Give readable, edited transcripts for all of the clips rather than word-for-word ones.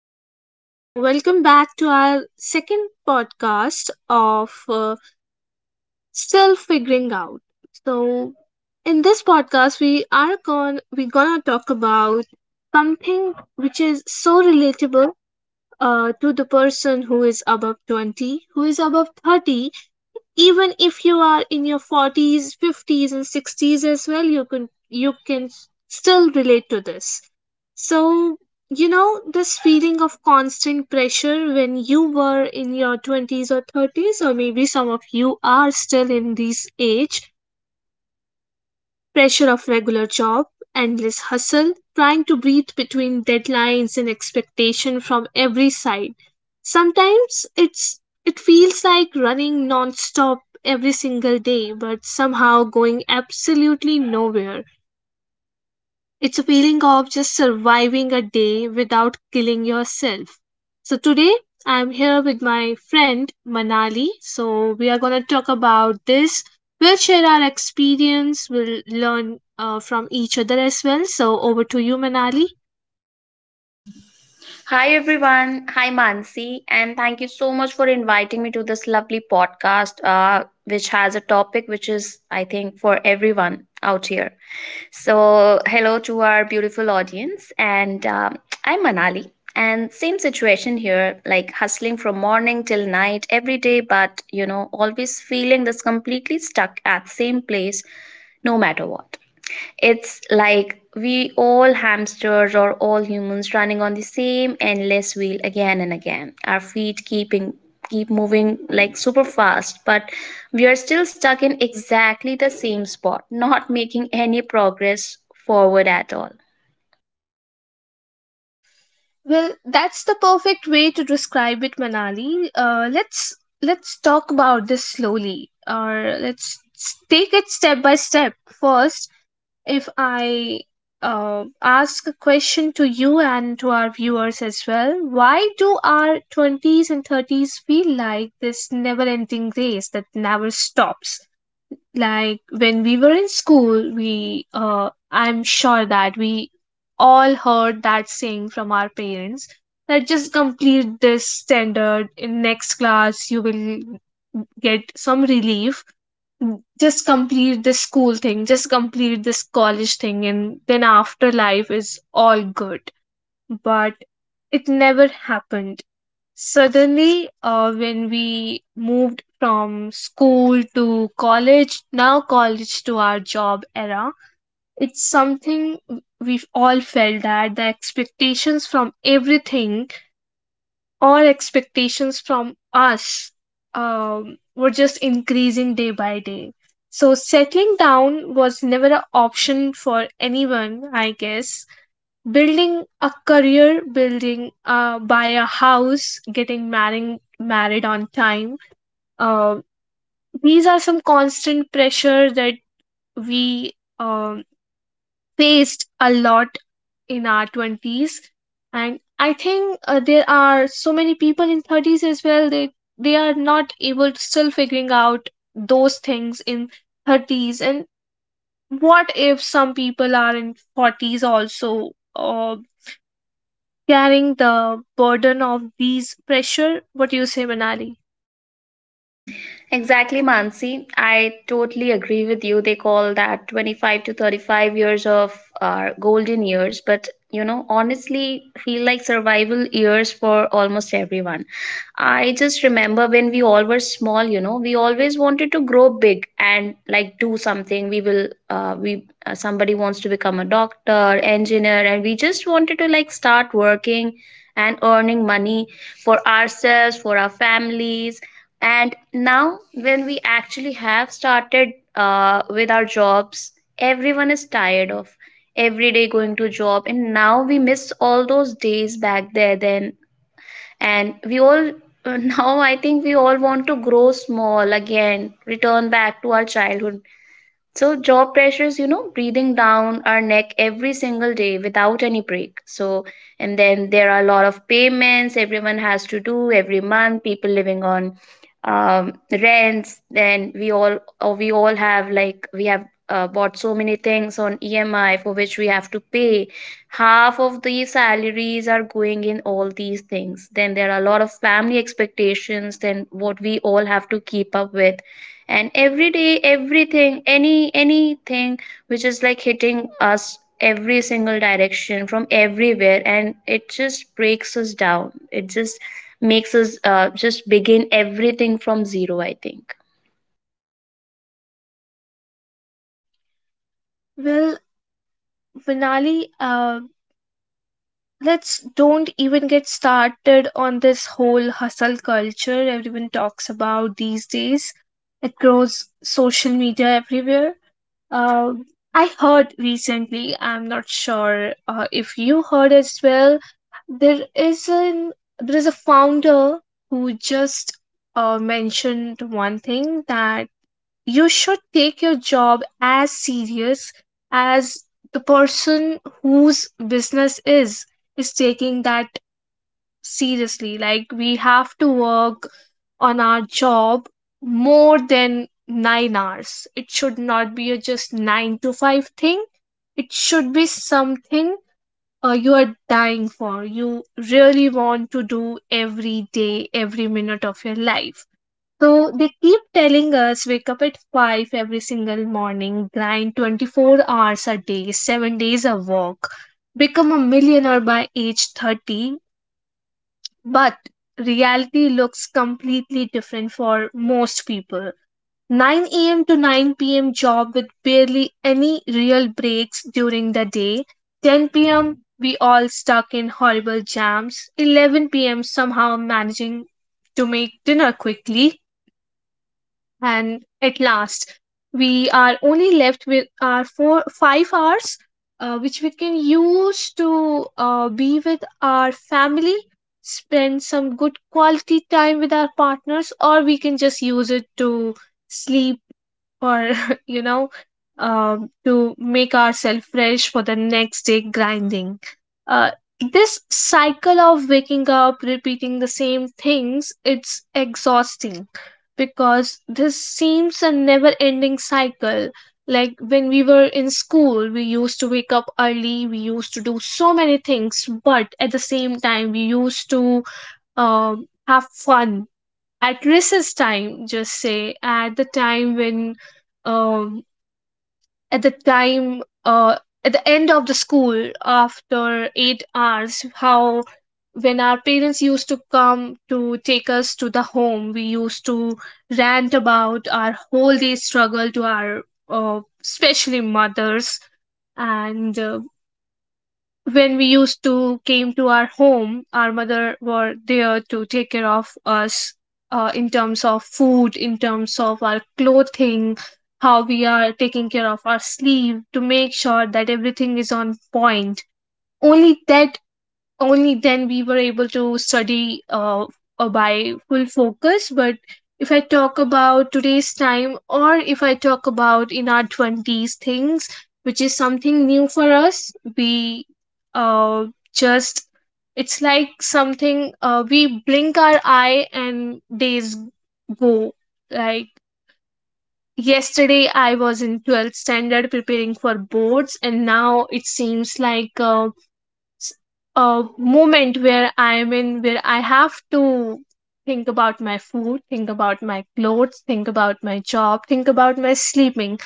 everyone, so welcome back to our second podcast of Still Figuring Out. So, in this podcast, we are going we're gonna talk about something which is so relatable to the person who is above 20, who is above 30, even if you are in your 40s, 50s, and 60s as well, you can still relate to this. So you know this feeling of constant pressure when you were in your 20s or 30s, or maybe some of you are still in this age, pressure of regular job, endless hustle, trying to breathe between deadlines and expectation from every side. Sometimes it feels like running non-stop every single day but somehow going absolutely nowhere. It's a feeling of just surviving a day without killing yourself. So today I'm here with my friend Manali. So we are going to talk about this. We'll share our experience. We'll learn from each other as well. So over to you, Manali. Hi everyone. Hi Mansi, and thank you so much for inviting me to this lovely podcast, which has a topic which is, I think, for everyone out here. So, hello to our beautiful audience, and I'm Manali, and same situation here, like hustling from morning till night every day, but you know, always feeling this completely stuck at same place, no matter what. It's like we all hamsters or all humans running on the same endless wheel again and again. Our feet keep moving like super fast, but we are still stuck in exactly the same spot, not making any progress forward at all. Well, that's the perfect way to describe it, Manali. Let's talk about this slowly, or take it step by step. First, if I ask a question to you and to our viewers as well. Why do our 20s and 30s feel like this never ending race that never stops? Like when we were in school, we, I'm sure that we all heard that saying from our parents that just complete this standard in next class, you will get some relief, just complete this school thing, just complete this college thing, and then after life is all good. But it never happened. Suddenly, when we moved from school to college, now college to our job era, it's something we've all felt that the expectations from everything all expectations from us were just increasing day by day. So, settling down was never an option for anyone, I guess. Building a career, building, buy a house, getting married, married on time. Uh, these are some constant pressure that we um, faced a lot in our 20s. And I think there are so many people in 30s as well, they are not able to still figuring out those things in 30s. And what if some people are in 40s also, uh, carrying the burden of these pressure? What do you say, Manali? Exactly, Mansi. I totally agree with you. They call that 25 to 35 years of our golden years, but you know, honestly, feel like survival years for almost everyone. I just remember when we all were small, you know, we always wanted to grow big and like do something. We will, we Somebody wants to become a doctor, engineer, and we just wanted to like start working and earning money for ourselves, for our families. And now, when we actually have started with our jobs, everyone is tired of every day going to job. And now we miss all those days back there then. And we all, now I think we all want to grow small again, return back to our childhood. So job pressures, you know, breathing down our neck every single day without any break. So and then there are a lot of payments everyone has to do every month. People living on rents. Then we all or we all have like we have bought so many things on EMI for which we have to pay. Half of the salaries are going in all these things. Then there are a lot of family expectations. Then what we all have to keep up with, and every day everything, anything which is like hitting us every single direction from everywhere, and it just breaks us down, it just makes us just begin everything from zero, I think. Well, Manali, let's don't even get started on this whole hustle culture everyone talks about these days. It grows social media everywhere. Uh, I heard recently, I'm not sure if you heard as well, there is an there is a founder who just mentioned one thing that you should take your job as serious as the person whose business is taking that seriously. Like we have to work on our job more than 9 hours, it should not be a just 9 to 5 thing. It should be something you are dying for, you really want to do every day, every minute of your life. So they keep telling us wake up at 5 every single morning, grind 24 hours a day, 7 days a walk, become a millionaire by age 30. But reality looks completely different for most people. 9 a.m. to 9 p.m. job with barely any real breaks during the day. 10 p.m. we all stuck in horrible jams. 11 p.m. somehow managing to make dinner quickly, and at last we are only left with our four five hours which we can use to be with our family, spend some good quality time with our partners, or we can just use it to sleep, or you know to make ourselves fresh for the next day grinding. uh, this cycle of waking up, repeating the same things, it's exhausting because this seems a never ending cycle. Like when we were in school, we used to wake up early, we used to do so many things, but at the same time, we used to have fun at recess time, just say, at the time when. um at the time at the end of the school, after 8 hours, how when our parents used to come to take us to the home, we used to rant about our whole day struggle to our especially mothers. And when we used to came to our home, our mother were there to take care of us in terms of food, in terms of our clothing, how we are taking care of our sleep, to make sure that everything is on point. only that Only then we were able to study by full focus. But if I talk about today's time, or if I talk about in our 20s, things which is something new for us, we uh, just it's like something, we blink our eye and days go, like yesterday I was in 12th standard preparing for boards, and now it seems like s- a moment where I'm in, where I have to think about my food, think about my clothes, think about my job, think about my sleeping.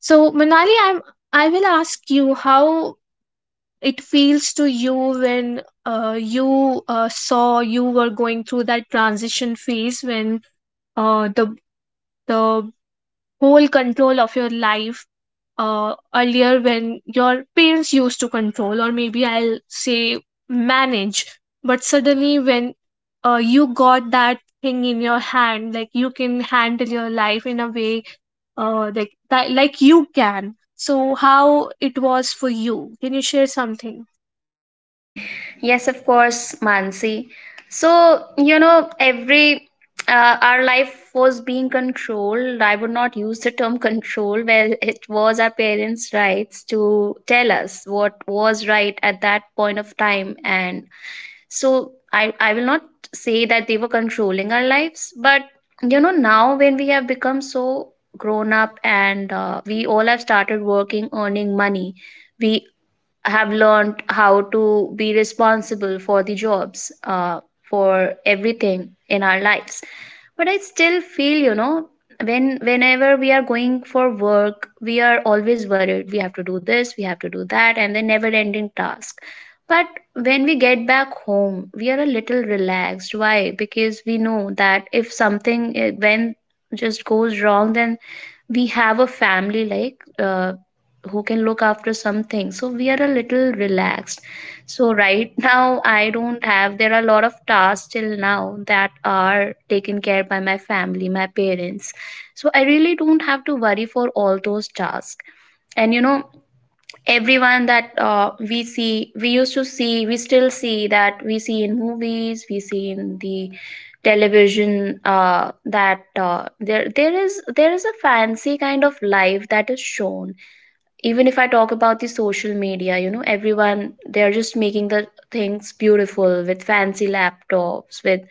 So, Manali, I will ask you how it feels to you when you were going through that transition phase when uh, the the whole control of your life, earlier when your parents used to control, or maybe I'll say manage, but suddenly when you got that thing in your hand, like you can handle your life in a way like that, like you can. So, how it was for you? Can you share something? Yes, of course, Mansi. So you know, every our life was being controlled. I would not use the term control. Well, it was our parents rights to tell us what was right at that point of time. And so I will not say that they were controlling our lives, but you know, now when we have become so grown up and we all have started working, earning money, we have learned how to be responsible for the jobs, for everything in our lives. But I still feel, you know, whenever we are going for work, we are always worried. We have to do this, we have to do that, and the never-ending task. But when we get back home, we are a little relaxed. Why? Because we know that if something eh, when just goes wrong, then we have a family like who can look after something, so we are a little relaxed. So right, now I don't have there are a lot of tasks till now that are taken care by my family, my parents. So I really don't have to worry for all those tasks. And you know, everyone that we see we used to see we still see that we see in movies, we see in the television, that there there is a fancy kind of life that is shown. Even if I talk about the social media, you know, everyone, they're just making the things beautiful with fancy laptops, with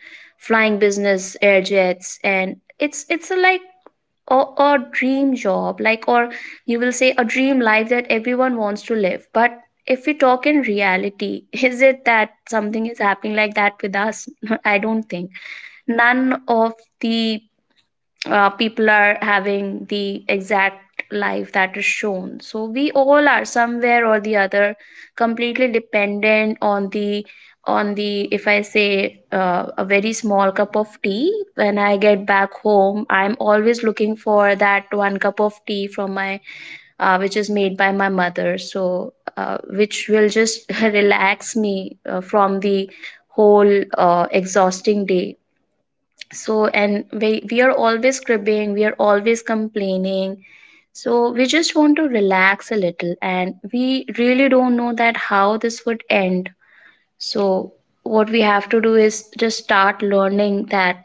flying business air jets, and it's a like a dream job, like, or you will say a dream life that everyone wants to live. But if we talk in reality, is it that something is happening like that with us? I don't think none of the people are having the exact life that is shown. So we all are somewhere or the other completely dependent on the if I say a very small cup of tea. When I get back home, I'm always looking for that one cup of tea from my which is made by my mother. So which will just relax me from the whole exhausting day. So and we are always cribbing, we are always complaining. So we just want to relax a little, and we really don't know that how this would end. So what we have to do is just start learning that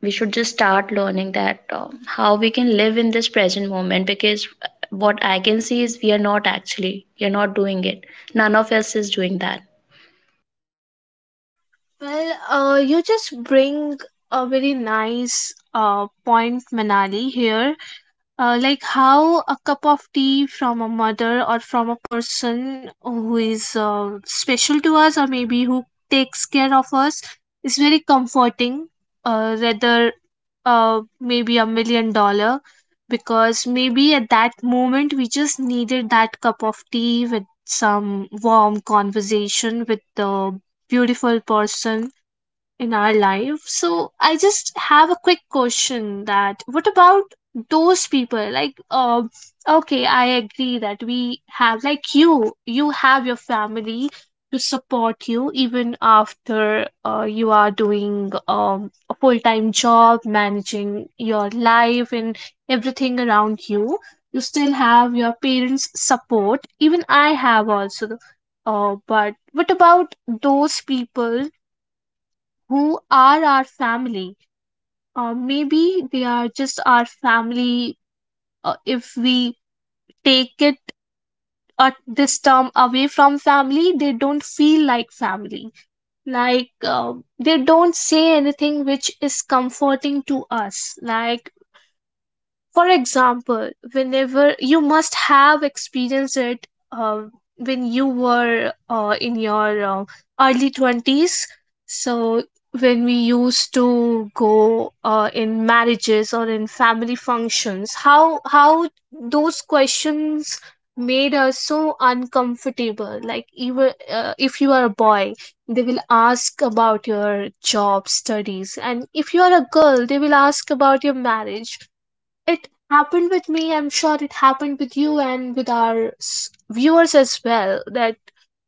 we should just start learning that uh, how we can live in this present moment, because what I can see is we are not doing it. None of us is doing that. Well, you just bring a very nice point, Manali, here. Like how a cup of tea from a mother or from a person who is special to us, or maybe who takes care of us, is very comforting, rather maybe a million dollar, because maybe at that moment we just needed that cup of tea with some warm conversation with the beautiful person in our life. So I just have a quick question that what about those people like okay I agree that we have, like you have your family to support you even after you are doing a full-time job managing your life and everything around you, you still have your parents support, even I have also, but what about those people who are our family. Maybe they are just our family. If we take it this term away from family, they don't feel like family. Like they don't say anything which is comforting to us. Like for example, whenever you must have experienced it, um, when you were in your early 20s, so when we used to go in marriages or in family functions, how those questions made us so uncomfortable. Like even if you are a boy, they will ask about your job studies, and if you are a girl, they will ask about your marriage. It happened with me. I'm sure it happened with you and with our viewers as well. That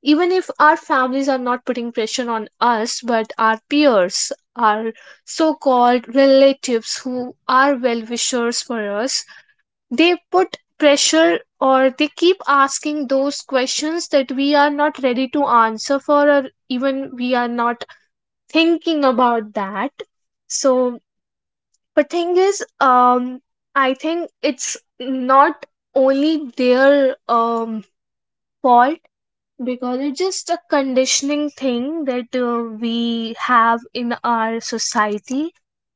even if our families are not putting pressure on us, but our peers, our so called relatives who are well wishers for us, they put pressure or they keep asking those questions that we are not ready to answer for, or even we are not thinking about that. So but thing is, I think it's not only their fault, because it's just a conditioning thing that we have in our society.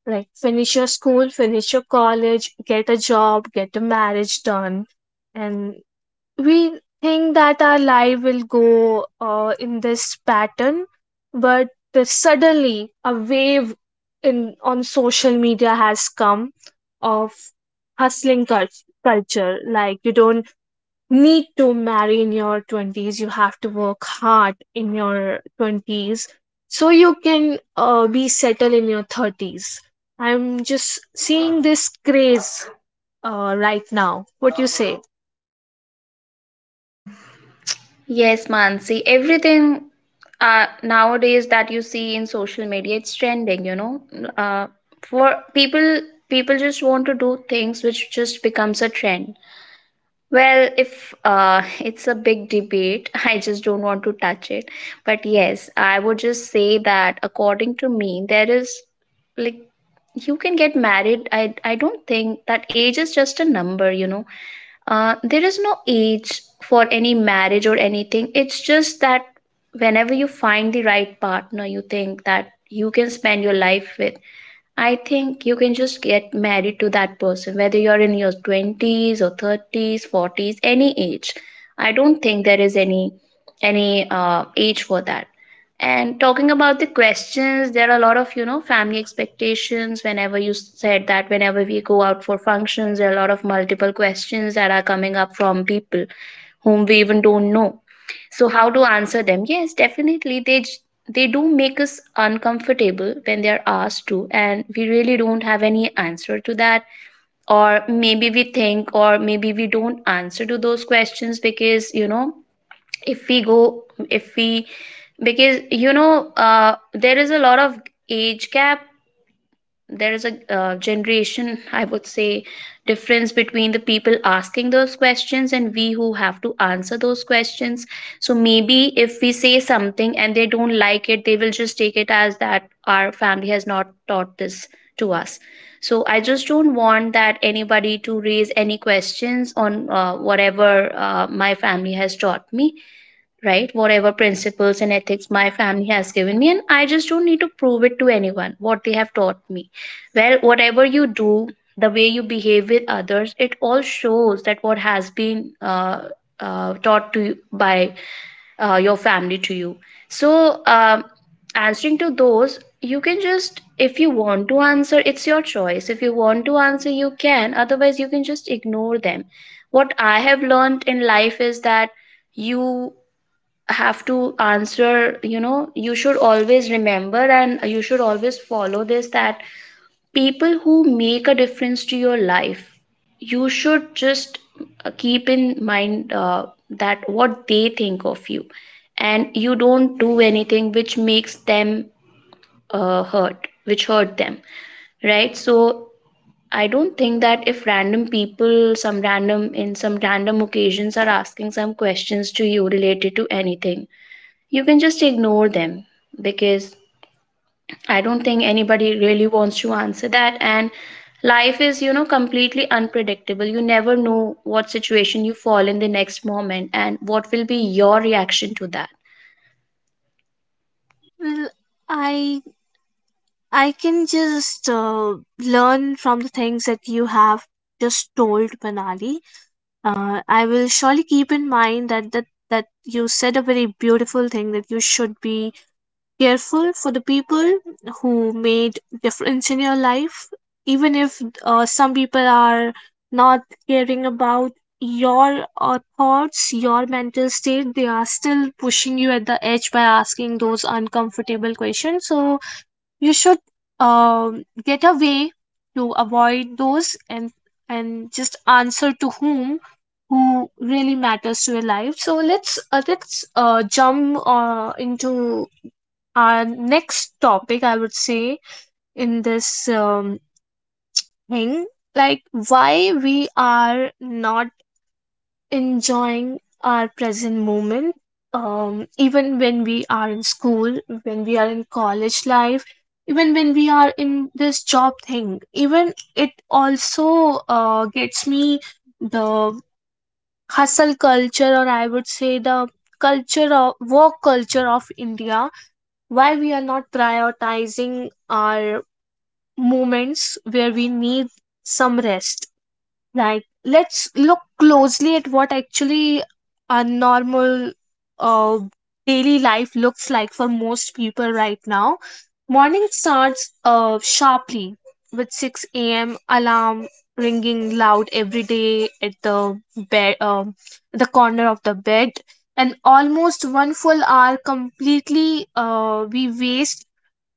Like finish your school, finish your college, get a job, get a marriage done, and we think that our life will go in this pattern. But suddenly a wave in on social media has come of hustling cul- culture. Like you don't need to marry in your 20s, you have to work hard in your 20s so you can be settled in your 30s. I'm just seeing this craze right now, what you say? Yes, Mansi. Everything nowadays that you see in social media, it's trending, you know. Uh, for people, People just want to do things which just becomes a trend. Well, if it's a big debate, I just don't want to touch it. But yes, I would just say that according to me, there is like you can get married. I don't think that age is just a number, you know. There is no age for any marriage or anything. It's just that whenever you find the right partner, you think that you can spend your life with. I think you can just get married to that person, whether you're in your 20s or 30s, 40s, any age. I don't think there is any age for that. And talking about the questions, there are a lot of, you know, family expectations. Whenever you said that, whenever we go out for functions, there are a lot of multiple questions that are coming up from people whom we even don't know. So how to answer them? Yes, definitely, they do make us uncomfortable when they are asked to, and we really don't have any answer to that. Or maybe we think, or maybe we don't answer to those questions, because you know, if we go if we because you know, there is a lot of age gap, there is a generation, I would say, difference between the people asking those questions and we who have to answer those questions. So maybe if we say something and they don't like it, they will just take it as that our family has not taught this to us. So I just don't want that anybody to raise any questions on whatever my family has taught me, right? Whatever principles and ethics my family has given me, and I just don't need to prove it to anyone what they have taught me. Well, whatever you do, the way you behave with others, it all shows that what has been taught to you by your family to you. So, answering to those, you can just, if you want to answer, it's your choice. If you want to answer, you can. Otherwise, you can just ignore them. What I have learned in life is that you have to answer. You know, you should always remember, and you should always follow this, that people who make a difference to your life, you should just keep in mind that what they think of you, and you don't do anything which makes them hurt them, right? So I don't think that if random people some random in some random occasions are asking some questions to you related to anything, you can just ignore them, because I don't think anybody really wants to answer that. And life is, you know, completely unpredictable. You never know what situation you fall in the next moment and what will be your reaction to that. Well, I I can just learn from the things that you have just told, Manali. I will surely keep in mind that you said a very beautiful thing that you should be careful for the people who made difference in your life, even if some people are not caring about your thoughts, your mental state. They are still pushing you at the edge by asking those uncomfortable questions. So you should get a way to avoid those, and just answer to whom who really matters to your life. So let's jump into our next topic, I would say. In this thing, like why we are not enjoying our present moment. Even when we are in school, when we are in college life, even when we are in this job thing, even it also gets me the hustle culture, or I would say the culture of work culture of India, why we are not prioritizing our moments where we need some rest. Right. Let's look closely at what actually a normal uh, daily life looks like for most people right now. Morning starts sharply with 6 a.m. alarm ringing loud every day at the bed, the corner of the bed, and almost one full hour completely we waste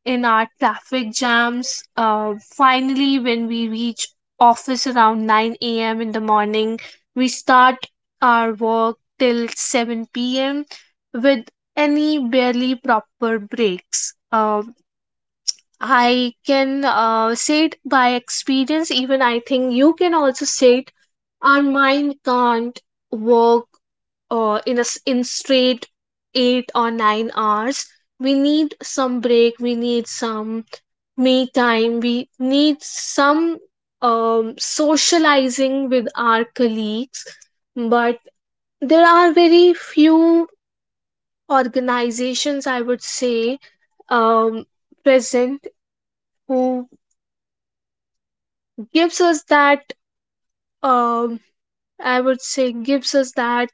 in our traffic jams. Finally, when we reach office around 9 a.m. in the morning, we start our work till 7 p.m. with any barely proper breaks. I can say it by experience, even I think you can also say it. Our mind can't work in straight 8 or 9 hours. We need some break. We need some me time, we need some socializing with our colleagues, but there are very few organizations, I would say, um, present, who gives us that, um, I would say gives us that,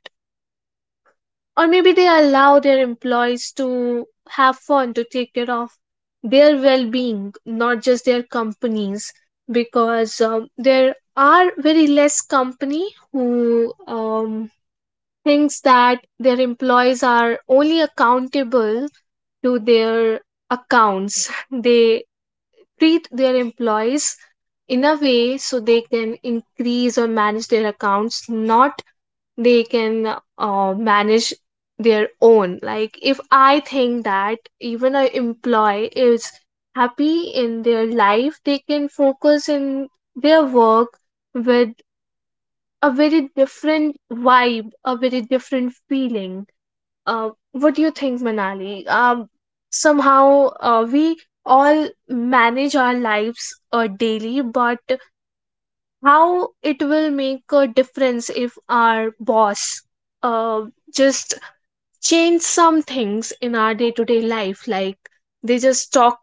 or maybe they allow their employees to have fun, to take care of their well-being, not just their companies. Because there are very less company who thinks that their employees are only accountable to their accounts. They treat their employees in a way so they can increase or manage their accounts, not they can manage their own. Like, if I think that even a employee is happy in their life, they can focus in their work with a very different vibe, a very different feeling. What do you think, Manali? Somehow we all manage our lives daily, but how it will make a difference if our boss uh, just change some things in our day to day life. Like, they just talk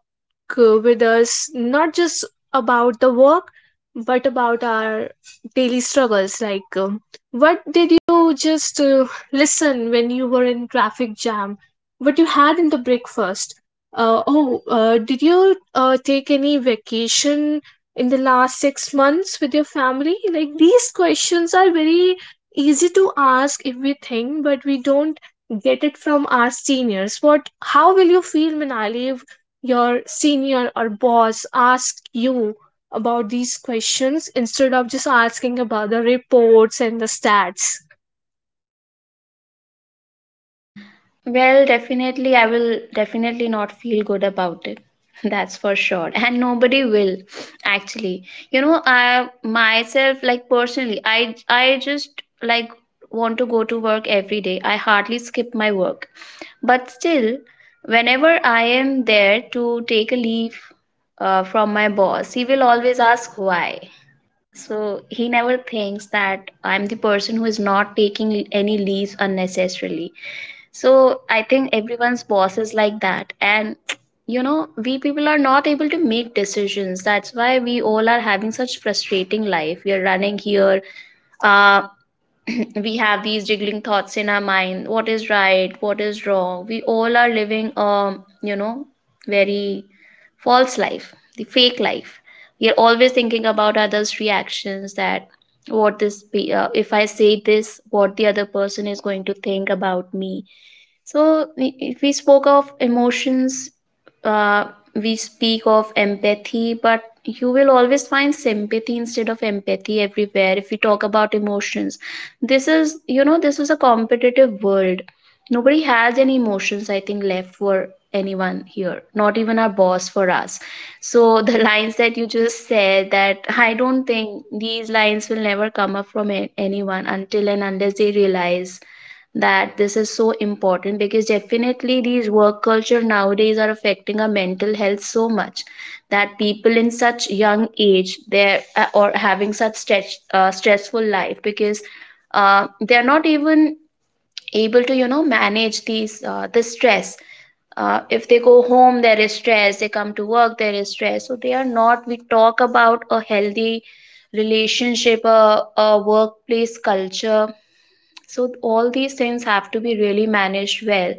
with us, not just about the work, but about our daily struggles. Like, what did you just listen when you were in traffic jam? What you had in the breakfast? Oh, did you take any vacation in the last 6 months with your family? Like, these questions are very easy to ask if we think, but we don't get it from our seniors. What, how will you feel, Manali, if your senior or boss ask you about these questions instead of just asking about the reports and the stats? Well, definitely, I will definitely not feel good about it. That's for sure. And nobody will actually. You know, I myself, like personally, I just like want to go to work every day. I hardly skip my work. But still, whenever I am there to take a leave from my boss, he will always ask why. So he never thinks that I'm the person who is not taking any leaves unnecessarily. So I think everyone's boss is like that. And you know, we people are not able to make decisions. That's why we all are having such frustrating life. We are running here, uh, we have these jiggling thoughts in our mind. What is right, what is wrong? We all are living you know very false life, the fake life. We are always thinking about others' reactions, that what this be, if I say this what the other person is going to think about me. So, if we spoke of emotions, uh, we speak of empathy, but you will always find sympathy instead of empathy everywhere if we talk about emotions. This, is, this is a competitive world. Nobody has any emotions, I think, left for anyone here, not even our boss for us. So, the lines that you just said, that I don't think these lines will never come up from anyone until and unless they realize that this is so important, because definitely these work culture nowadays are affecting our mental health so much that people in such young age, they're or having such stress, stressful life, because they're not even able to, you know, manage these this stress. If they go home there is stress, they come to work there is stress, so they are not, we talk about a healthy relationship, a workplace culture. So all these things have to be really managed well.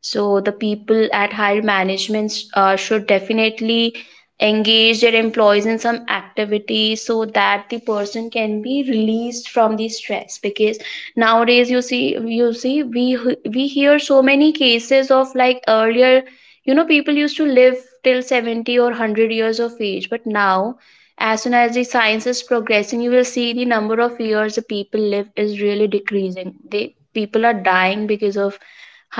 So the people at higher management should definitely engage their employees in some activity so that the person can be released from the stress, because nowadays you see we hear so many cases. Of like earlier, you know, people used to live till 70 or 100 years of age, but now, as soon as the science is progressing, you will see the number of years the people live is really decreasing. They, people are dying because of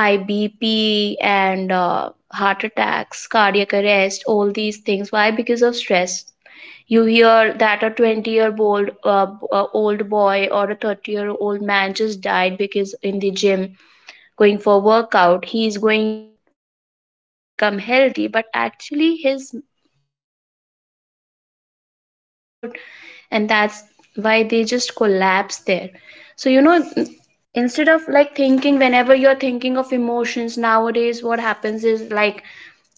high BP and heart attacks, cardiac arrest, all these things. Why? Because of stress. You hear that a 20-year-old old boy or a 30-year-old man just died because in the gym going for workout, he is going for a workout to become healthy, but actually his mind, his mental health is not good, and that's why they just collapse there. So, you know, instead of like thinking, whenever you're thinking of emotions nowadays, what happens is like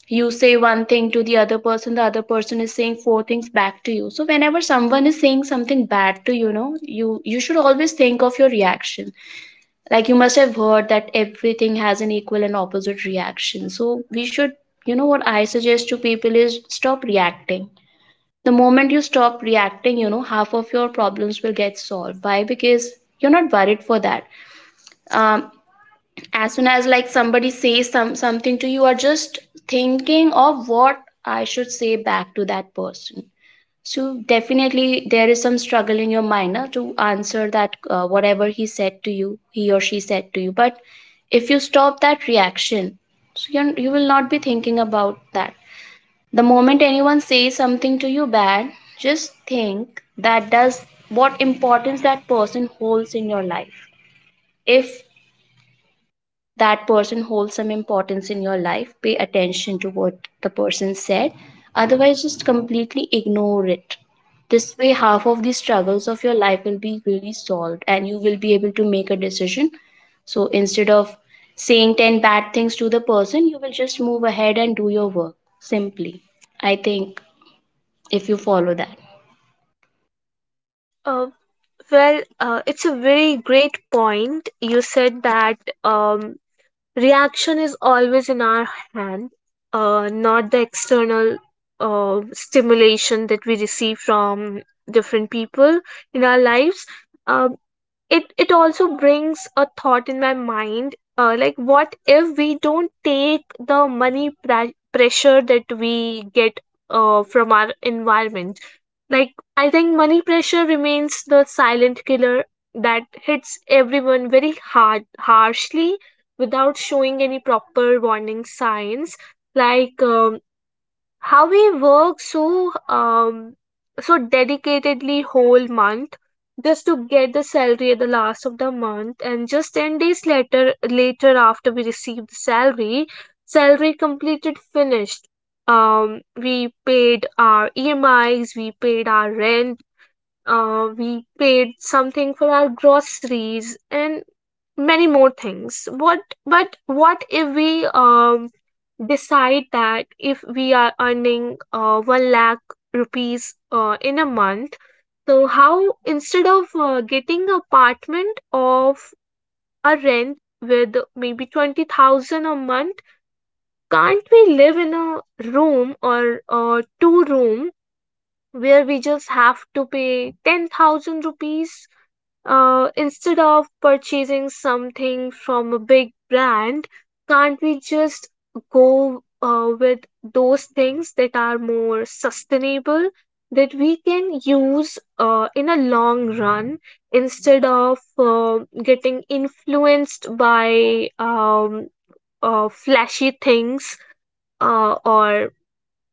you say one thing to the other person, the other person is saying four things back to you. So whenever someone is saying something bad to you, you know, you should always think of your reaction. Like you must have heard that everything has an equal and opposite reaction, so we should, you know, what I suggest to people is stop reacting. The moment you stop reacting, you know, half of your problems will get solved. Why? Because you're not worried for that. um, as soon as like somebody says some something to you, you are just thinking of what I should say back to that person. So definitely there is some struggle in your mind, na, to answer that, whatever he said to you, he or she said to you. But if you stop that reaction, so you will not be thinking about that. The moment anyone says something to you bad, just think that does what importance that person holds in your life. If that person holds some importance in your life, pay attention to what the person said. Otherwise, just completely ignore it. This way, half of the struggles of your life will be really solved and you will be able to make a decision. So instead of saying 10 bad things to the person, you will just move ahead and do your work simply. I think if you follow that. Uh, well, it's a very great point. You said that reaction is always in our hand, not the external stimulation that we receive from different people in our lives. Um it also brings a thought in my mind, like, what if we don't take the pressure that we get from our environment? Like, I think money pressure remains the silent killer that hits everyone very hard, harshly, without showing any proper warning signs. Like, how we work so so dedicatedly whole month just to get the salary at the last of the month, and just 10 days later after we received the salary, salary completed, finished. um we paid our emis, we paid our rent, we paid something for our groceries and many more things. What But what if we decide that if we are earning 1 lakh rupees in a month, so how, instead of getting apartment of a rent with maybe 20,000 a month, can't we live in a room or two room where we just have to pay 10,000 rupees? Instead of purchasing something from a big brand, can't we just go with those things that are more sustainable, that we can use in a long run, instead of getting influenced by flashy things, or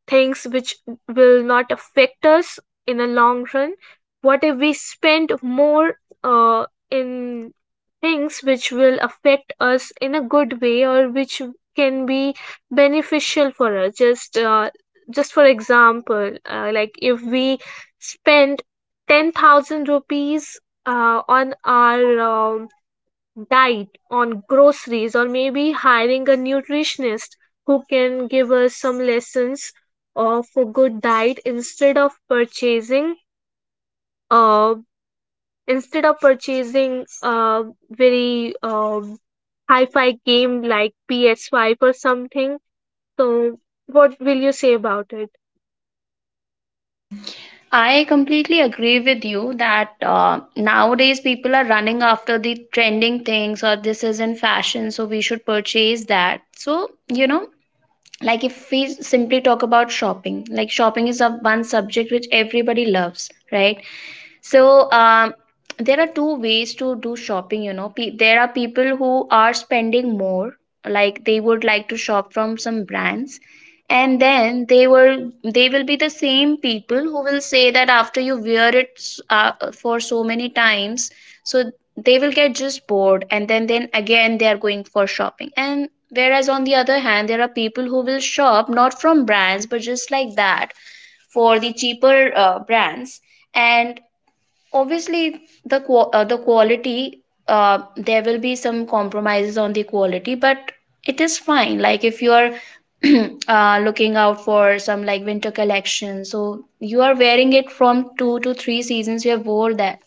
things which will not affect us in the long run? What if we spend more uh, in things which will affect us in a good way, or which can be beneficial for us? Just just for example, like, if we spend 10,000 rupees on our diet, on groceries, or maybe hiring a nutritionist who can give us some lessons of a good diet, instead of purchasing uh, a very hi-fi game like PS5 or something. So, what will you say about it? I completely agree with you that nowadays people are running after the trending things, or this is in fashion, so we should purchase that. So, you know, like if we simply talk about shopping, like shopping is a one subject which everybody loves, right? So there are two ways to do shopping. You know, there are people who are spending more, like they would like to shop from some brands, and then they will be the same people who will say that after you wear it for so many times, so they will get just bored, and then again they are going for shopping. And whereas on the other hand, there are people who will shop not from brands but just like that, for the cheaper brands. And obviously the quality, there will be some compromises on the quality, but it is fine. Like if you are looking out for some like winter collection, so you are wearing it from two to three seasons, you have wore that,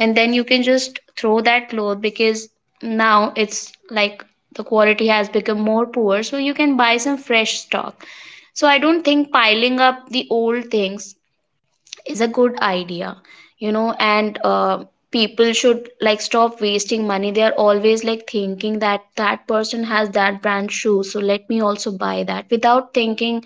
and then you can just throw that cloth because now it's like the quality has become more poor, so you can buy some fresh stock. So I don't think piling up the old things is a good idea, you know. And people should like stop wasting money. They are always like thinking that that person has that brand shoe, so let me also buy that, without thinking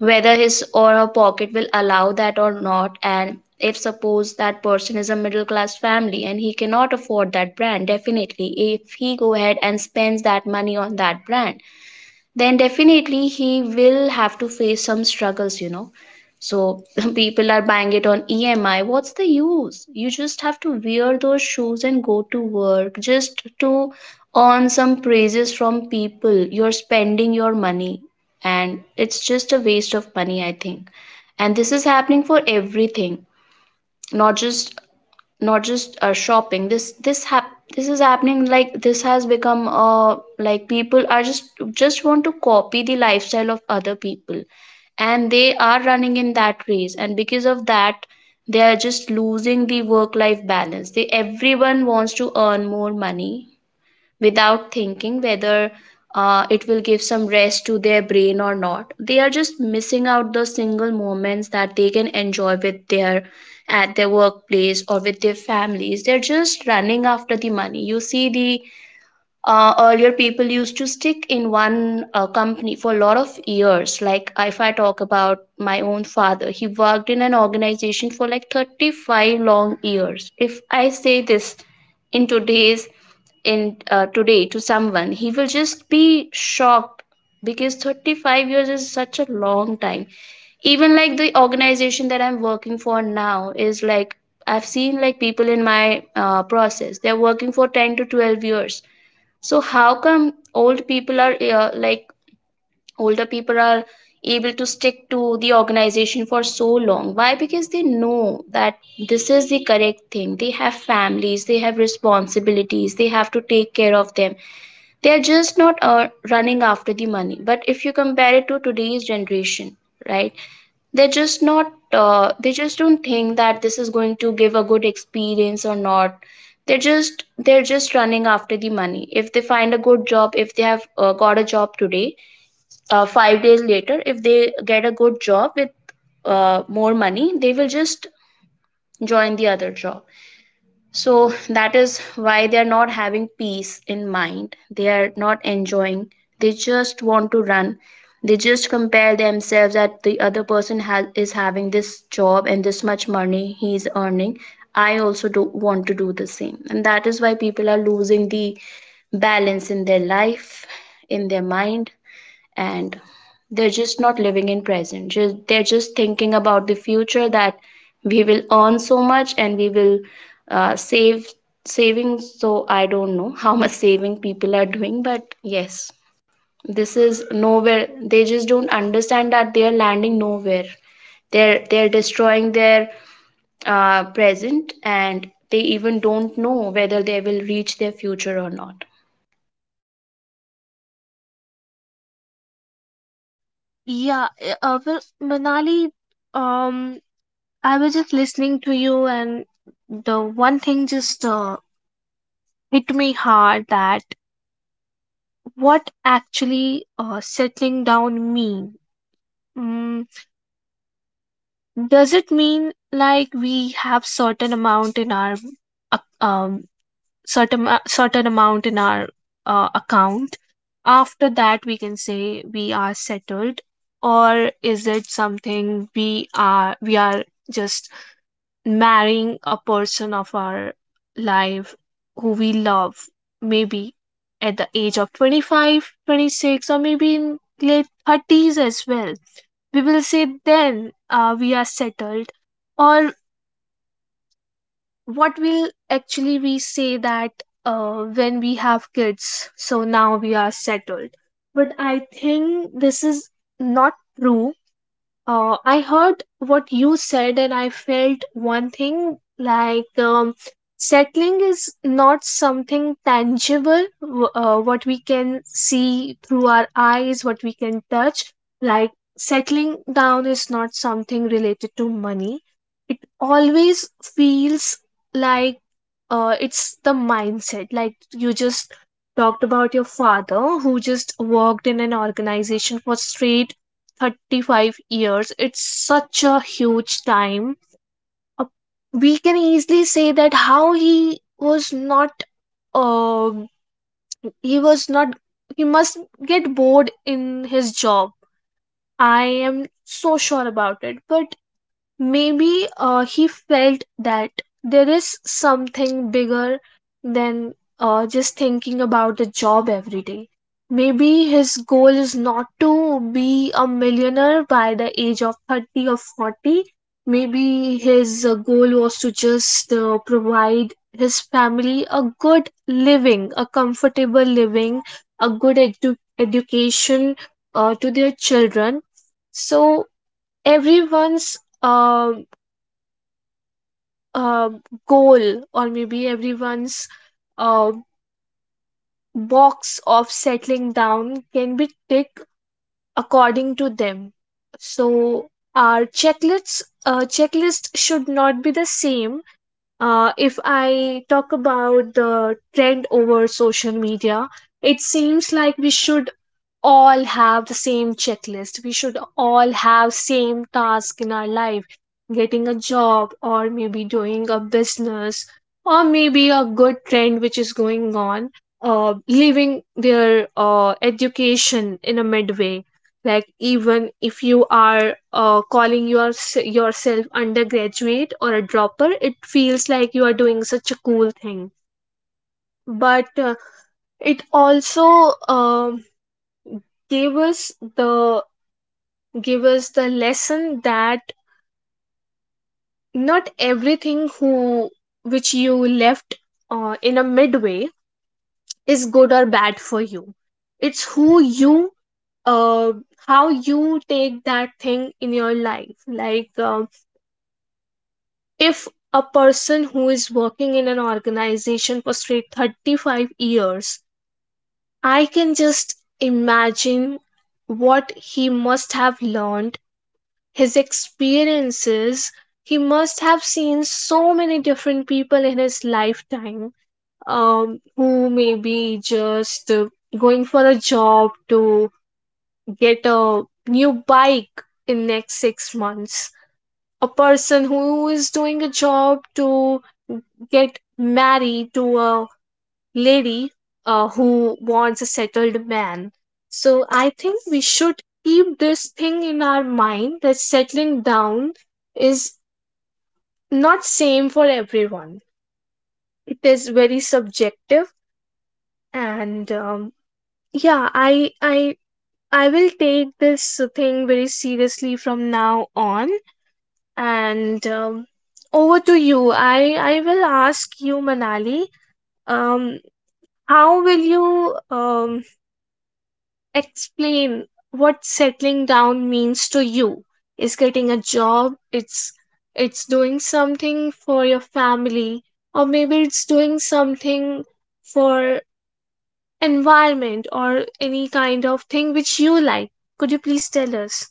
whether his or her pocket will allow that or not. And if suppose that person is a middle class family and he cannot afford that brand, definitely if he go ahead and spends that money on that brand, then definitely he will have to face some struggles, you know. So people are buying it on EMI. What's the use? You just have to wear those shoes and go to work just to earn some praises from people. You're spending your money, and it's just a waste of money, I think. And this is happening for everything, not just not just shopping. This is happening, like this has become, uh, like people are just want to copy the lifestyle of other people, and they are running in that race, and because of that they are just losing the work life balance. They, everyone wants to earn more money without thinking whether it will give some rest to their brain or not. They are just missing out the single moments that they can enjoy with their, at their workplace or with their families. They're just running after the money. You see the, earlier people used to stick in one company for a lot of years. Like if I talk about my own father, he worked in an organization for like 35 long years. If I say this in today's, in today, to someone, he will just be shocked because 35 years is such a long time. Even like the organization that I'm working for now is like I've seen like people in my process, they're working for 10 to 12 years. So how come old people are like older people are able to stick to the organization for so long? Why? Because they know that this is the correct thing. They have families, they have responsibilities, they have to take care of them. They are just not running after the money. But if you compare it to today's generation, right? They're just not, they just don't think that this is going to give a good experience or not. They're just running after the money. If they find a good job, if they have got a job today, 5 days later, if they get a good job with more money, they will just join the other job. So that is why they are not having peace in mind. They are not enjoying. They just want to run. They just compare themselves that the other person has is having this job and this much money he is earning. I also do want to do the same. And that is why people are losing the balance in their life, in their mind, and they're just not living in present. Just, they're just thinking about the future, that we will earn so much and we will save, savings. So I don't know how much saving people are doing, but yes, this is nowhere. They just don't understand that they are landing nowhere. They're destroying their present, and they even don't know whether they will reach their future or not. Yeah, well, Manali, um, I was just listening to you, and the one thing just hit me hard: that what actually settling down mean? mm, does it mean like we have certain amount in our ac- um, certain certain amount in our account, after that we can say we are settled? Or is it something we are just marrying a person of our life who we love, maybe at the age of 25, 26, or maybe in late 30s as well, we will say then we are settled? Or what will actually we say that when we have kids, so now we are settled? But I think this is not true. I heard what you said, and I felt one thing, like, settling is not something tangible, what we can see through our eyes, what we can touch. Like, settling down is not something related to money. It always feels like it's the mindset. Like, you just talked about your father who just worked in an organization for straight 35 years. It's such a huge time. Uh, We can easily say that how he was not, uh, he was not, he must get bored in his job. I am so sure about it. But maybe he felt that there is something bigger than just thinking about a job every day. Maybe his goal is not to be a millionaire by the age of 30 or 40. Maybe his goal was to just provide his family a good living, a comfortable living, a good education to their children. So, everyone's uh, goal, or maybe everyone's uh, box of settling down can be ticked according to them. So our checklist should not be the same. If I talk about the trend over social media, it seems like we should all have the same checklist, we should all have same task in our life: getting a job, or maybe doing a business, or maybe a good trend which is going on, leaving their education in a midway. Like, even if you are calling yourself undergraduate or a dropper, it feels like you are doing such a cool thing. But it also gave us the give us the lesson that not everything who which you left in a midway is good or bad for you. It's who you uh, how you take that thing in your life. Like, if a person who is working in an organization for straight 35 years, I can just imagine what he must have learned, his experiences. He must have seen so many different people in his lifetime, who may be just going for a job to get a new bike in next 6 months, a person who is doing a job to get married to a lady who wants a settled man. So, I think we should keep this thing in our mind: that settling down is not same for everyone. It is very subjective, and yeah, I will take this thing very seriously from now on. And over to you. I will ask you, Manali. Um, how will you explain what settling down means to you? Is getting a job, it's doing something for your family, or maybe it's doing something for environment, or any kind of thing which you like? Could you please tell us?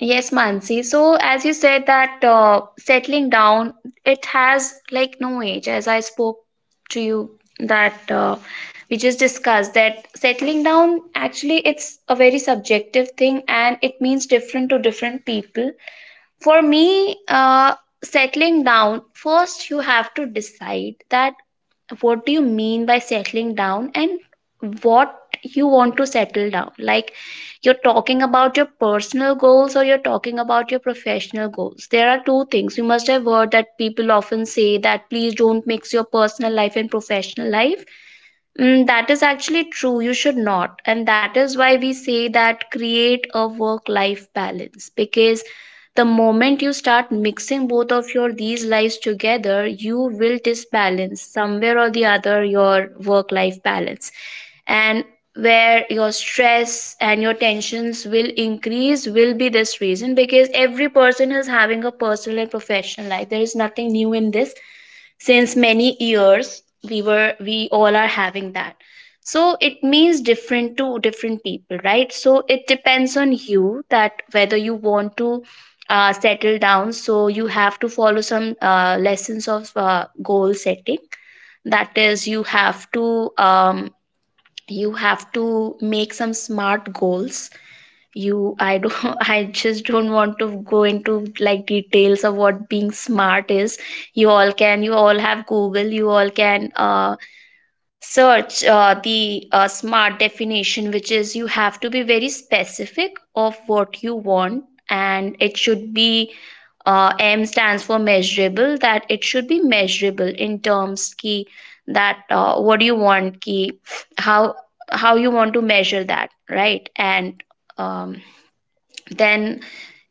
Yes, Mansi. So, as you said that settling down, it has like no age. As I spoke to you, that we just discussed that settling down actually, it's a very subjective thing, and it means different to different people. For me, settling down, first you have to decide that what do you mean by settling down and what you want to settle down. Like, you're talking about your personal goals or you're talking about your professional goals. There are two things you must have heard that people often say, that please don't mix your personal life and professional life. Mm, that is actually true. You should not. And that is why we say that create a work life balance, because the moment you start mixing both of your these lives together, you will disbalance somewhere or the other your work life balance. And where your stress and your tensions will increase will be this reason, because every person is having a personal and professional life. There is nothing new in this. Since many years we all are having that. So it means different to different people, right? So it depends on you that whether you want to settle down. So you have to follow some lessons of goal setting. That is, you have to make some smart goals. You i don't I just don't want to go into like details of what being smart is. You all can, you all have Google, you all can search the smart definition, which is you have to be very specific of what you want, and it should be, M stands for measurable, that it should be measurable in terms ki, that what do you want ki, how how you want to measure that, right? And um, then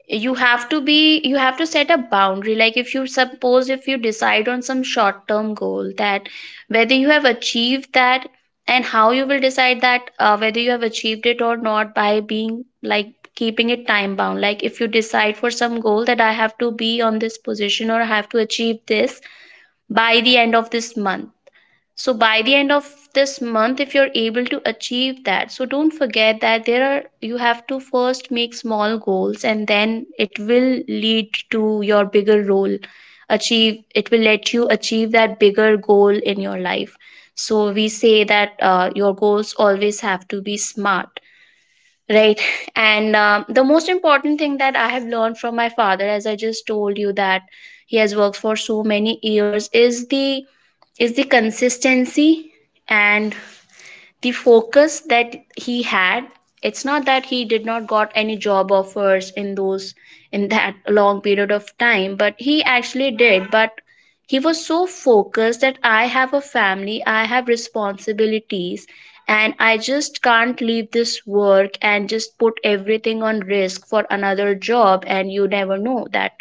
you have to be, you have to set a boundary. Like if you suppose, if you decide on some short term goal, that whether you have achieved that, and how you will decide that whether you have achieved it or not, by being like keeping it time bound. Like if you decide for some goal that I have to be on this position, or I have to achieve this by the end of this month. So by the end of this month, if you're able to achieve that, so don't forget that there are, you have to first make small goals, and then it will lead to your bigger role. Achieve, it will let you achieve that bigger goal in your life. So we say that your goals always have to be smart. Right. And the most important thing that I have learned from my father, as I just told you, that he has worked for so many years, is the, is the consistency, and the focus that he had. It's not that he did not got any job offers in those, in that long period of time, but he actually did. But he was so focused that I have a family, I have responsibilities, and I just can't leave this work and just put everything on risk for another job. And you never know that,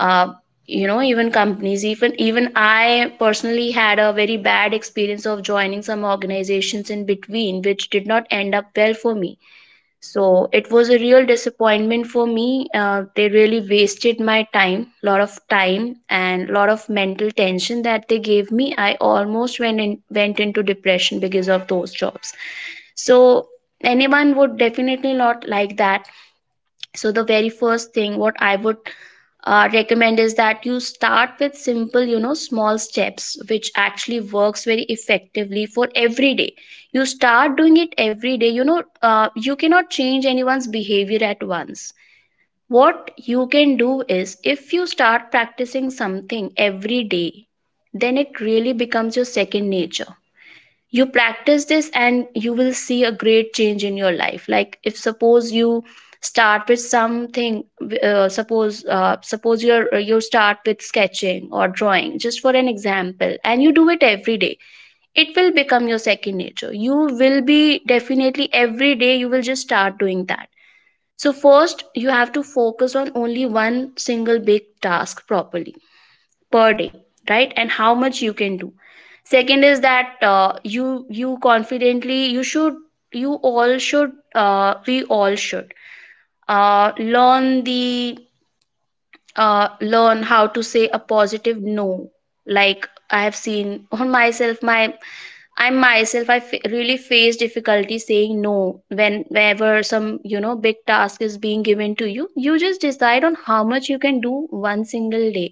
uh, you know, even companies, even I personally had a very bad experience of joining some organizations in between which did not end up well for me. So it was a real disappointment for me. They really wasted my time, lot of time, and lot of mental tension that they gave me. I almost went in, went into depression because of those jobs. So anyone would definitely not like that. So the very first thing what I would recommend is that you start with simple, you know, small steps, which actually works very effectively for every day. You start doing it every day, you know. You cannot change anyone's behavior at once. What you can do is if you start practicing something every day, then it really becomes your second nature. You practice this and you will see a great change in your life. Like if suppose you start with something, suppose, suppose you're, you start with sketching or drawing just for an example, and you do it every day, it will become your second nature. You will be, definitely every day you will just start doing that. So first you have to focus on only one single big task properly per day, right? And how much you can do. Second is that, you, you confidently you should, you all should, we all should learn the, learn how to say a positive no. Like I have seen on myself, my, I myself, I really face difficulty saying no. When whenever some, you know, big task is being given to you, you just decide on how much you can do one single day.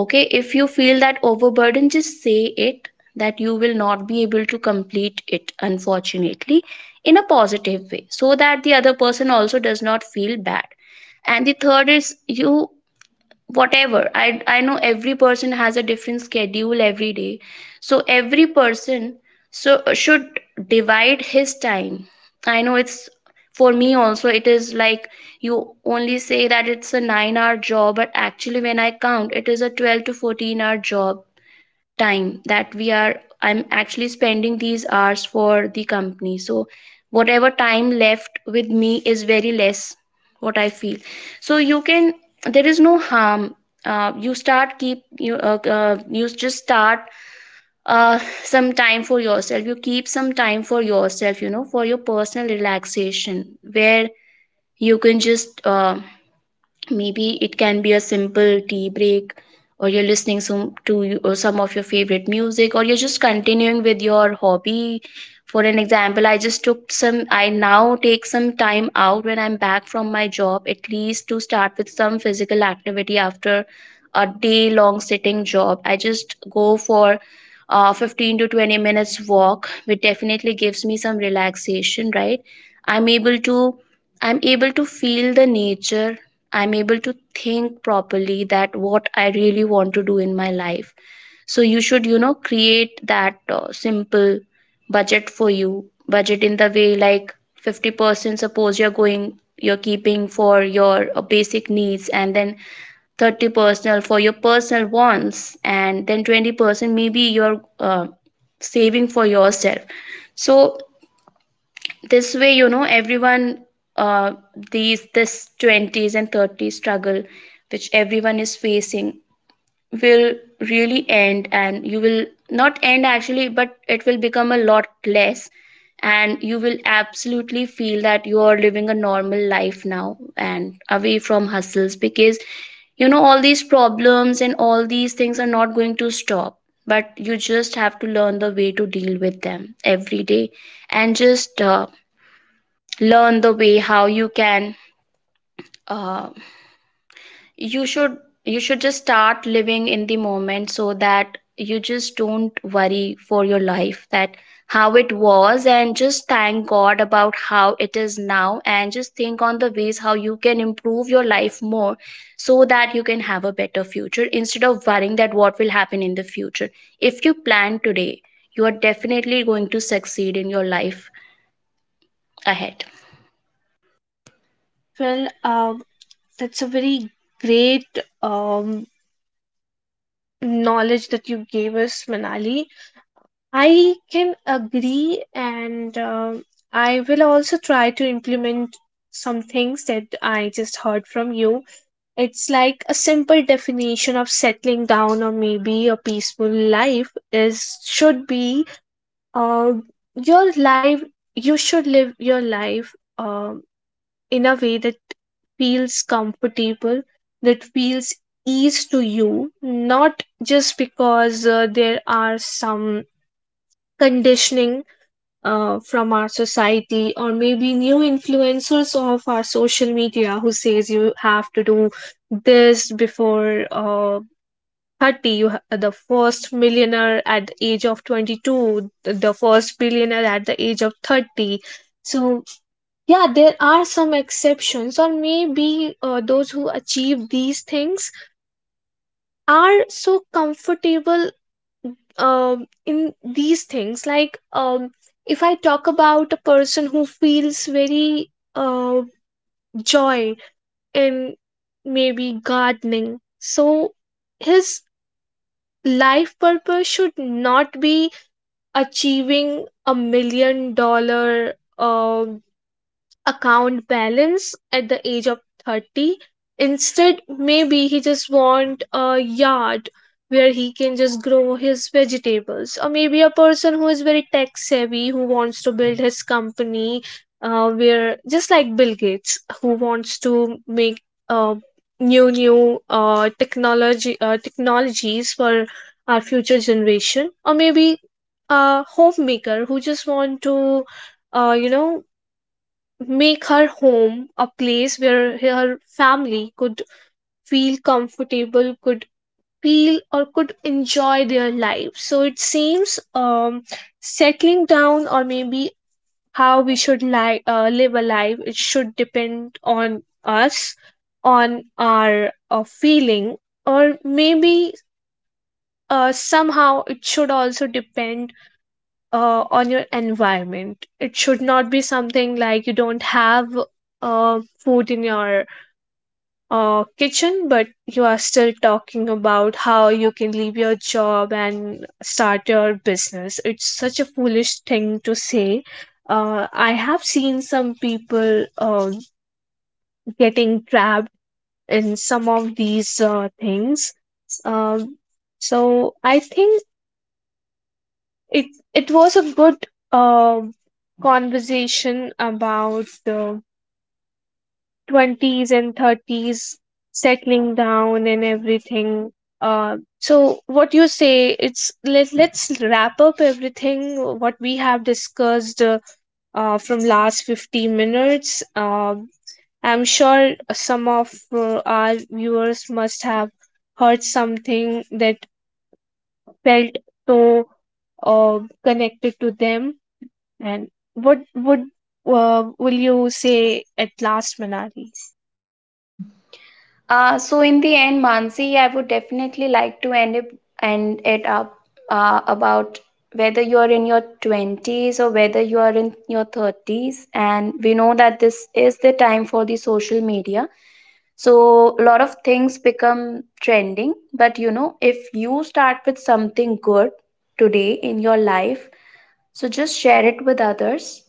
Okay, if you feel that overburden, just say it that you will not be able to complete it, unfortunately, in a positive way, so that the other person also does not feel bad. And the third is, you, whatever I know every person has a different schedule every day. So every person, so, should divide his time. I know it's, for me also it is like, you only say that it's a 9-hour job, but actually when I count, it is a 12 to 14 hour job. Time that we are, I'm actually spending these hours for the company. So whatever time left with me is very less, what I feel. So you can, there is no harm, you start keep you you just start uh, some time for yourself. You keep some time for yourself, you know, for your personal relaxation, where you can just maybe it can be a simple tea break, or you're listening some to you-, or some of your favorite music, or you're just continuing with your hobby. For an example, I just took some, I now take some time out when I'm back from my job, at least to start with some physical activity. After a day long sitting job, I just go for 15 to 20 minutes walk, which definitely gives me some relaxation, right? I'm able to, I'm able to feel the nature. I'm able to think properly that what I really want to do in my life. So you should, you know, create that simple budget for you. Budget in the way like 50% suppose you're going, you're keeping for your basic needs, and then 30% for your personal wants, and then 20% maybe you're saving for yourself. So this way, you know, everyone, uh these, this 20s and 30s struggle, which everyone is facing, will really end. And you will not end, actually, but it will become a lot less. And you will absolutely feel that you are living a normal life now, and away from hustles, because, you know, all these problems and all these things are not going to stop. But you just have to learn the way to deal with them every day. And just learn the way how you can, uh, you should, you should just start living in the moment, so that you just don't worry for your life, that how it was, and just thank god about how it is now, and just think on the ways how you can improve your life more, so that you can have a better future, instead of worrying that what will happen in the future. If you plan today, you are definitely going to succeed in your life ahead. Well, that's a very great knowledge that you gave us, Manali. I can agree, and I will also try to implement some things that I just heard from you. It's like a simple definition of settling down, or maybe a peaceful life, is should be uh, your life. You should live your life um in a way that feels comfortable, that feels ease to you, not just because there are some conditioning from our society or maybe new influencers of our social media who says you have to do this before 30. The first millionaire at the age of 22, the first billionaire at the age of 30. So yeah, there are some exceptions, or maybe those who achieve these things are so comfortable um in these things. Like, um if I talk about a person who feels very uh joy in, maybe, gardening, so his life purpose should not be achieving a million dollar um account balance at the age of 30. Instead, maybe he just want a yard where he can just grow his vegetables. Or maybe a person who is very tech savvy, who wants to build his company, where, just like Bill Gates, who wants to make uh, new new technology, technologies for our future generation. Or maybe a homemaker who just want to, uh, make her home a place where her family could feel comfortable, could feel or could enjoy their life. So it seems, settling down, or maybe how we should live a life, it should depend on us, on our feeling, or maybe somehow it should also depend on your environment. It should not be something like you don't have food in your kitchen, but you are still talking about how you can leave your job and start your business. It's such a foolish thing to say. I have seen some people getting trapped in some of these things. Um, so I think it it was a good um conversation about the 20s and 30s, settling down and everything. So what you say, it's let's wrap up everything what we have discussed, from last 50 minutes. I'm sure some of our viewers must have heard something that felt so uh, connected to them. And what would will you say at last, Manali? So in the end, Mansi, I would definitely like to end it up about whether you are in your 20s, or whether you are in your 30s. And we know that this is the time for the social media. So a lot of things become trending. But you know, if you start with something good today in your life, so just share it with others,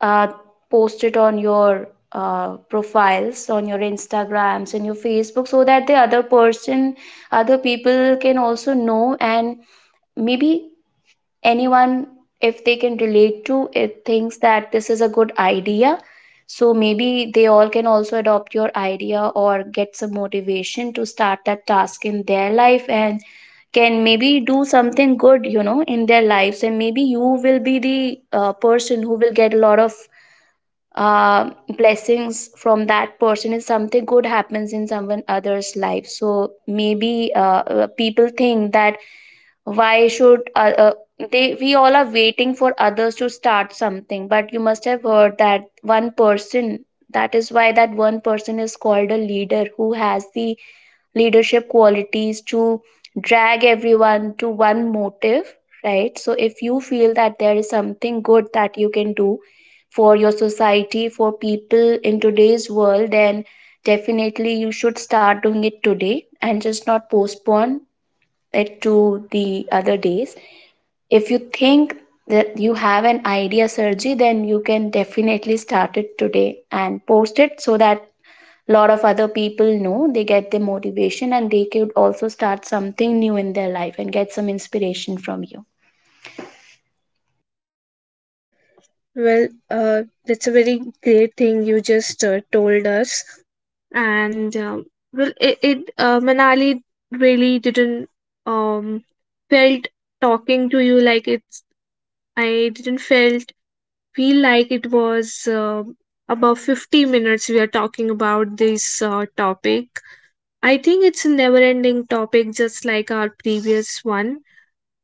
uh, post it on your profiles, on your Instagrams and your Facebook, so that the other person, other people can also know. And maybe anyone, if they can relate to it, thinks that this is a good idea. So maybe they all can also adopt your idea, or get some motivation to start that task in their life, and can maybe do something good, you know, in their lives. And maybe you will be the person who will get a lot of uh, blessings from that person. Is something good happens in someone other's life, so maybe people think that why should they, we all are waiting for others to start something. But you must have heard that one person, that is why that one person is called a leader, who has the leadership qualities to drag everyone to one motive. Right. So if you feel that there is something good that you can do for your society, for people in today's world, then definitely you should start doing it today, and just not postpone it to the other days. If you think that you have an idea, Sergi, then you can definitely start it today and post it, so that a lot of other people know, they get the motivation, and they could also start something new in their life, and get some inspiration from you. Well, that's a very great thing you just told us. And well, it Manali, really didn't um felt talking to you like it's. I didn't felt feel like it was about 50 minutes we are talking about this topic. I think it's a never-ending topic, just like our previous one,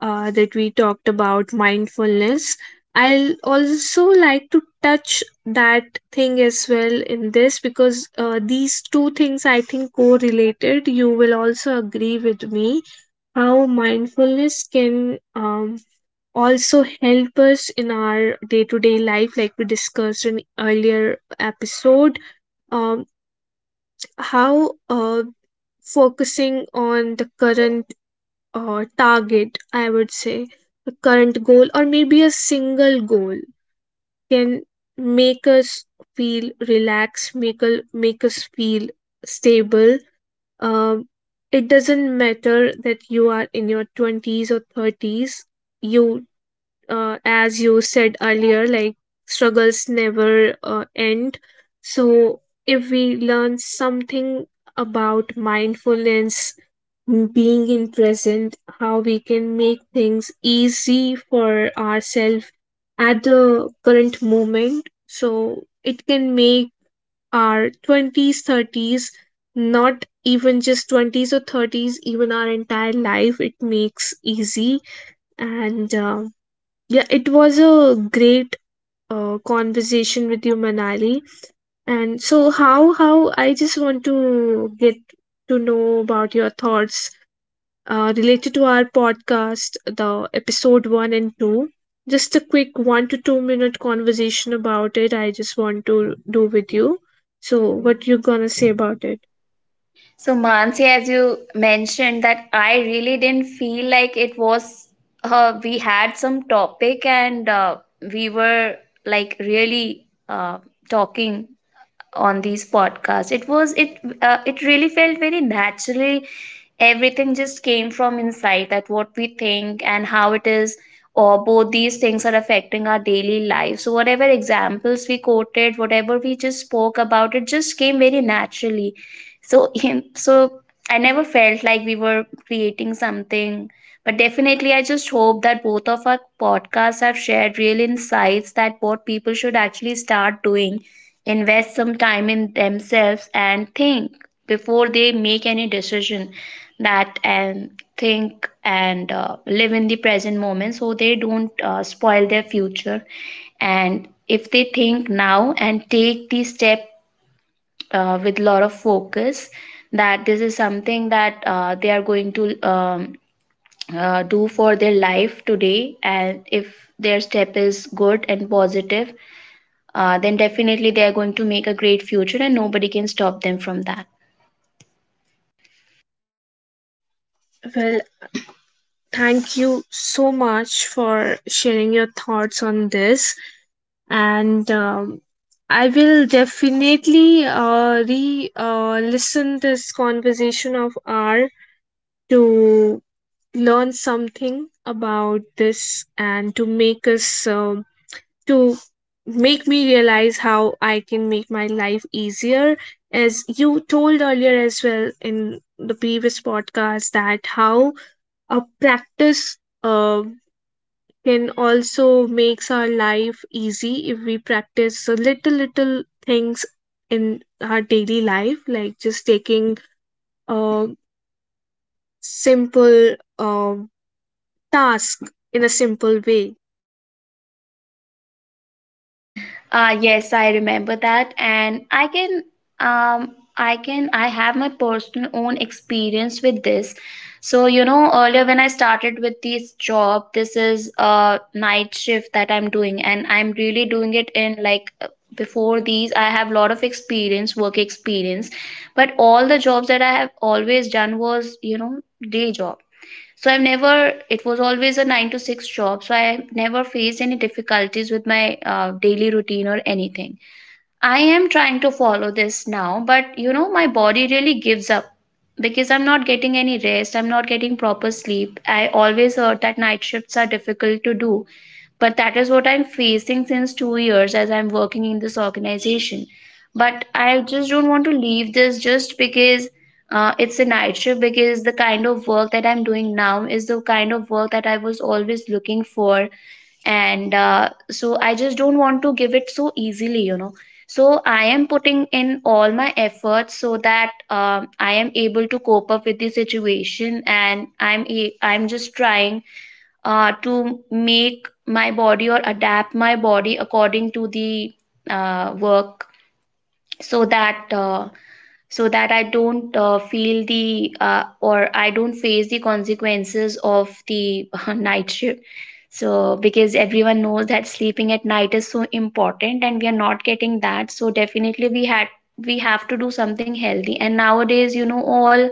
that we talked about mindfulness. I'll also like to touch that thing as well in this, because these two things I think correlated. You will also agree with me how mindfulness can, also help us in our day to day life, like we discussed in earlier episode. Um, how Focusing on the current or target, I would say, a current goal or maybe a single goal, can make us feel relaxed, make us feel stable. Um, it doesn't matter that you are in your 20s or 30s. You, as you said earlier, like struggles never end. So if we learn something about mindfulness, being in present, how we can make things easy for ourselves at the current moment. So it can make our 20s, 30s, not even just 20s or 30s, even our entire life, it makes easy. And yeah, it was a great conversation with you, Manali. And so, how I just want to get to know about your thoughts related to our podcast, the episode one and two. Just a quick one to two minute conversation about it, I just want to do with you. So, what you gonna say about it? So, Mansi, as you mentioned, that I really didn't feel like it was, we had some topic and we were like really talking on these podcasts. It was it really felt very naturally. Everything just came from inside, that what we think and how it is or both these things are affecting our daily life. So whatever examples we quoted, whatever we just spoke about, it just came very naturally. So so I never felt like we were creating something, but definitely I just hope that both of our podcasts have shared real insights, that what people should actually start doing: invest some time in themselves and think before they make any decision. That and think and live in the present moment, so they don't spoil their future. And if they think now and take the step with lot of focus, that this is something that they are going to do for their life today, and if their step is good and positive, then definitely they are going to make a great future and nobody can stop them from that. Well, thank you so much for sharing your thoughts on this, and I will definitely re listen this conversation of R to learn something about this, and to make us, to make me realize how I can make my life easier. As you told earlier as well in the previous podcast, that how a practice can also makes our life easy, if we practice the little little things in our daily life, like just taking a simple task in a simple way. Yes, I remember that, and um, I have my personal own experience with this. So you know, earlier when I started with this job, this is a night shift that I'm doing, and I'm really doing it in like before these. I have a lot of experience, work experience, but all the jobs that I have always done was, you know, day job. So I've never, it was always a nine to six job. So I never faced any difficulties with my daily routine or anything. I am trying to follow this now, but you know, my body really gives up because I'm not getting any rest. I'm not getting proper sleep. I always heard that night shifts are difficult to do, but that is what I'm facing since 2 years as I'm working in this organization. But I just don't want to leave this, just because it's a night shift, because the kind of work that I'm doing now is the kind of work that I was always looking for. And uh, so I just don't want to give it so easily, you know. So I am putting in all my efforts so that I am able to cope up with the situation, and I'm just trying to make my body, or adapt my body according to the work, so that so that I don't feel the or I don't face the consequences of the night shift. So because everyone knows that sleeping at night is so important and we are not getting that, so definitely we have to do something healthy. And nowadays, you know, all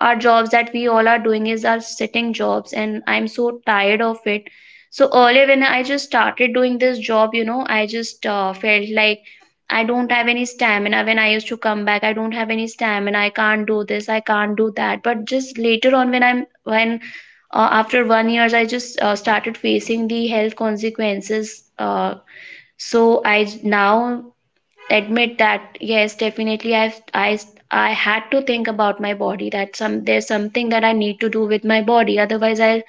our jobs that we all are doing is our sitting jobs, and I'm so tired of it. So earlier when I just started doing this job, you know, I just felt like I don't have any stamina. When I used to come back, I don't have any stamina, I can't do this, I can't do that. But just later on, when I'm when after one years I just started facing the health consequences. So now admit that yes, definitely, I had to think about my body, that some there's something that I need to do with my body, otherwise I'll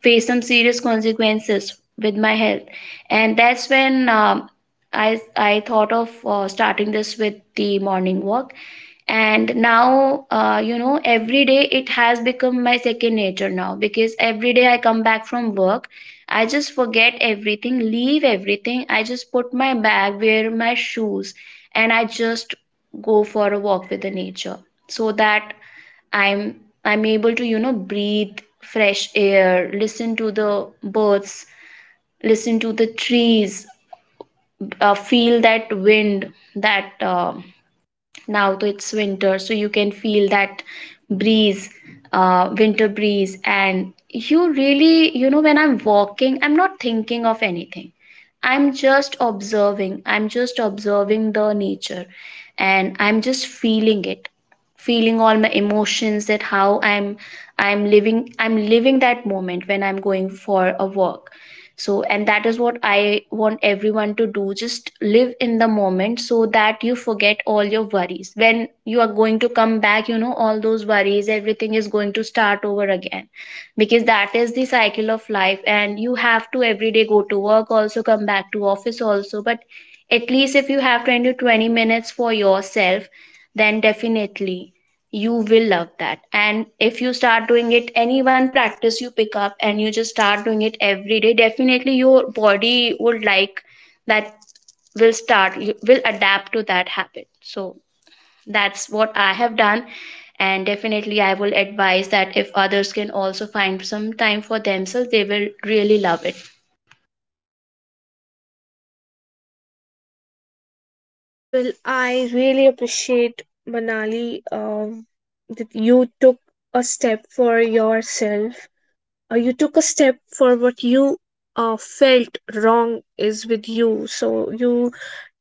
face some serious consequences with my health. And that's when I thought of starting this with the morning walk. And now you know, every day it has become my second nature now, because every day I come back from work, I just forget everything, leave everything, I just put my bag, wear my shoes, and I just go for a walk with the nature. So that I'm able to, you know, breathe fresh air, listen to the birds, listen to the trees, feel that wind. That now, though it's winter, so you can feel that breeze, winter breeze. And you really, you know, when I'm walking, I'm not thinking of anything. I'm just observing the nature, and I'm just feeling it, feeling all my emotions, that how I'm living that moment when I'm going for a walk. So, and that is what I want everyone to do: just live in the moment, so that you forget all your worries. When you are going to come back, you know, all those worries, everything is going to start over again, because that is the cycle of life, and you have to every day go to work also, come back to office also. But at least if you have 20 to 20 minutes for yourself, then definitely you will love that. And if you start doing it, any one practice you pick up and you just start doing it every day, definitely your body would like that, will start, you will adapt to that habit. So that's what I have done, and definitely I will advise that if others can also find some time for themselves, they will really love it. Well, I really appreciate Manali, that you took a step for yourself. You took a step for what you felt wrong is with you. So you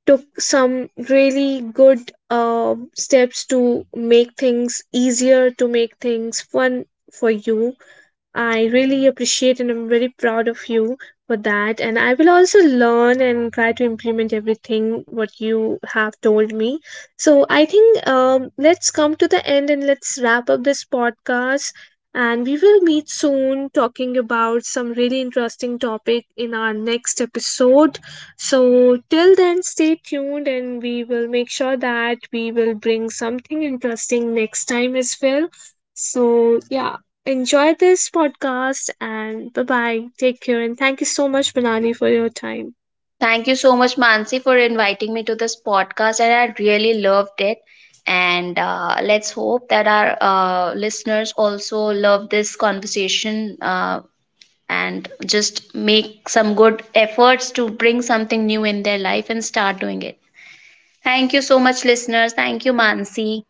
took some really good steps to make things easier, to make things fun for you. I really appreciate and I'm very proud of you for that. And I will also learn and try to implement everything what you have told me. So I think, let's come to the end and let's wrap up this podcast. And we will meet soon, talking about some really interesting topic in our next episode. So till then, stay tuned, and we will make sure that we will bring something interesting next time as well. So yeah, enjoy this podcast and bye bye. Take care and thank you so much, Banani, for your time. Thank you so much, Mansi, for inviting me to this podcast, and I really loved it. And let's hope that our listeners also love this conversation, and just make some good efforts to bring something new in their life and start doing it. Thank you so much, listeners. Thank you, Mansi.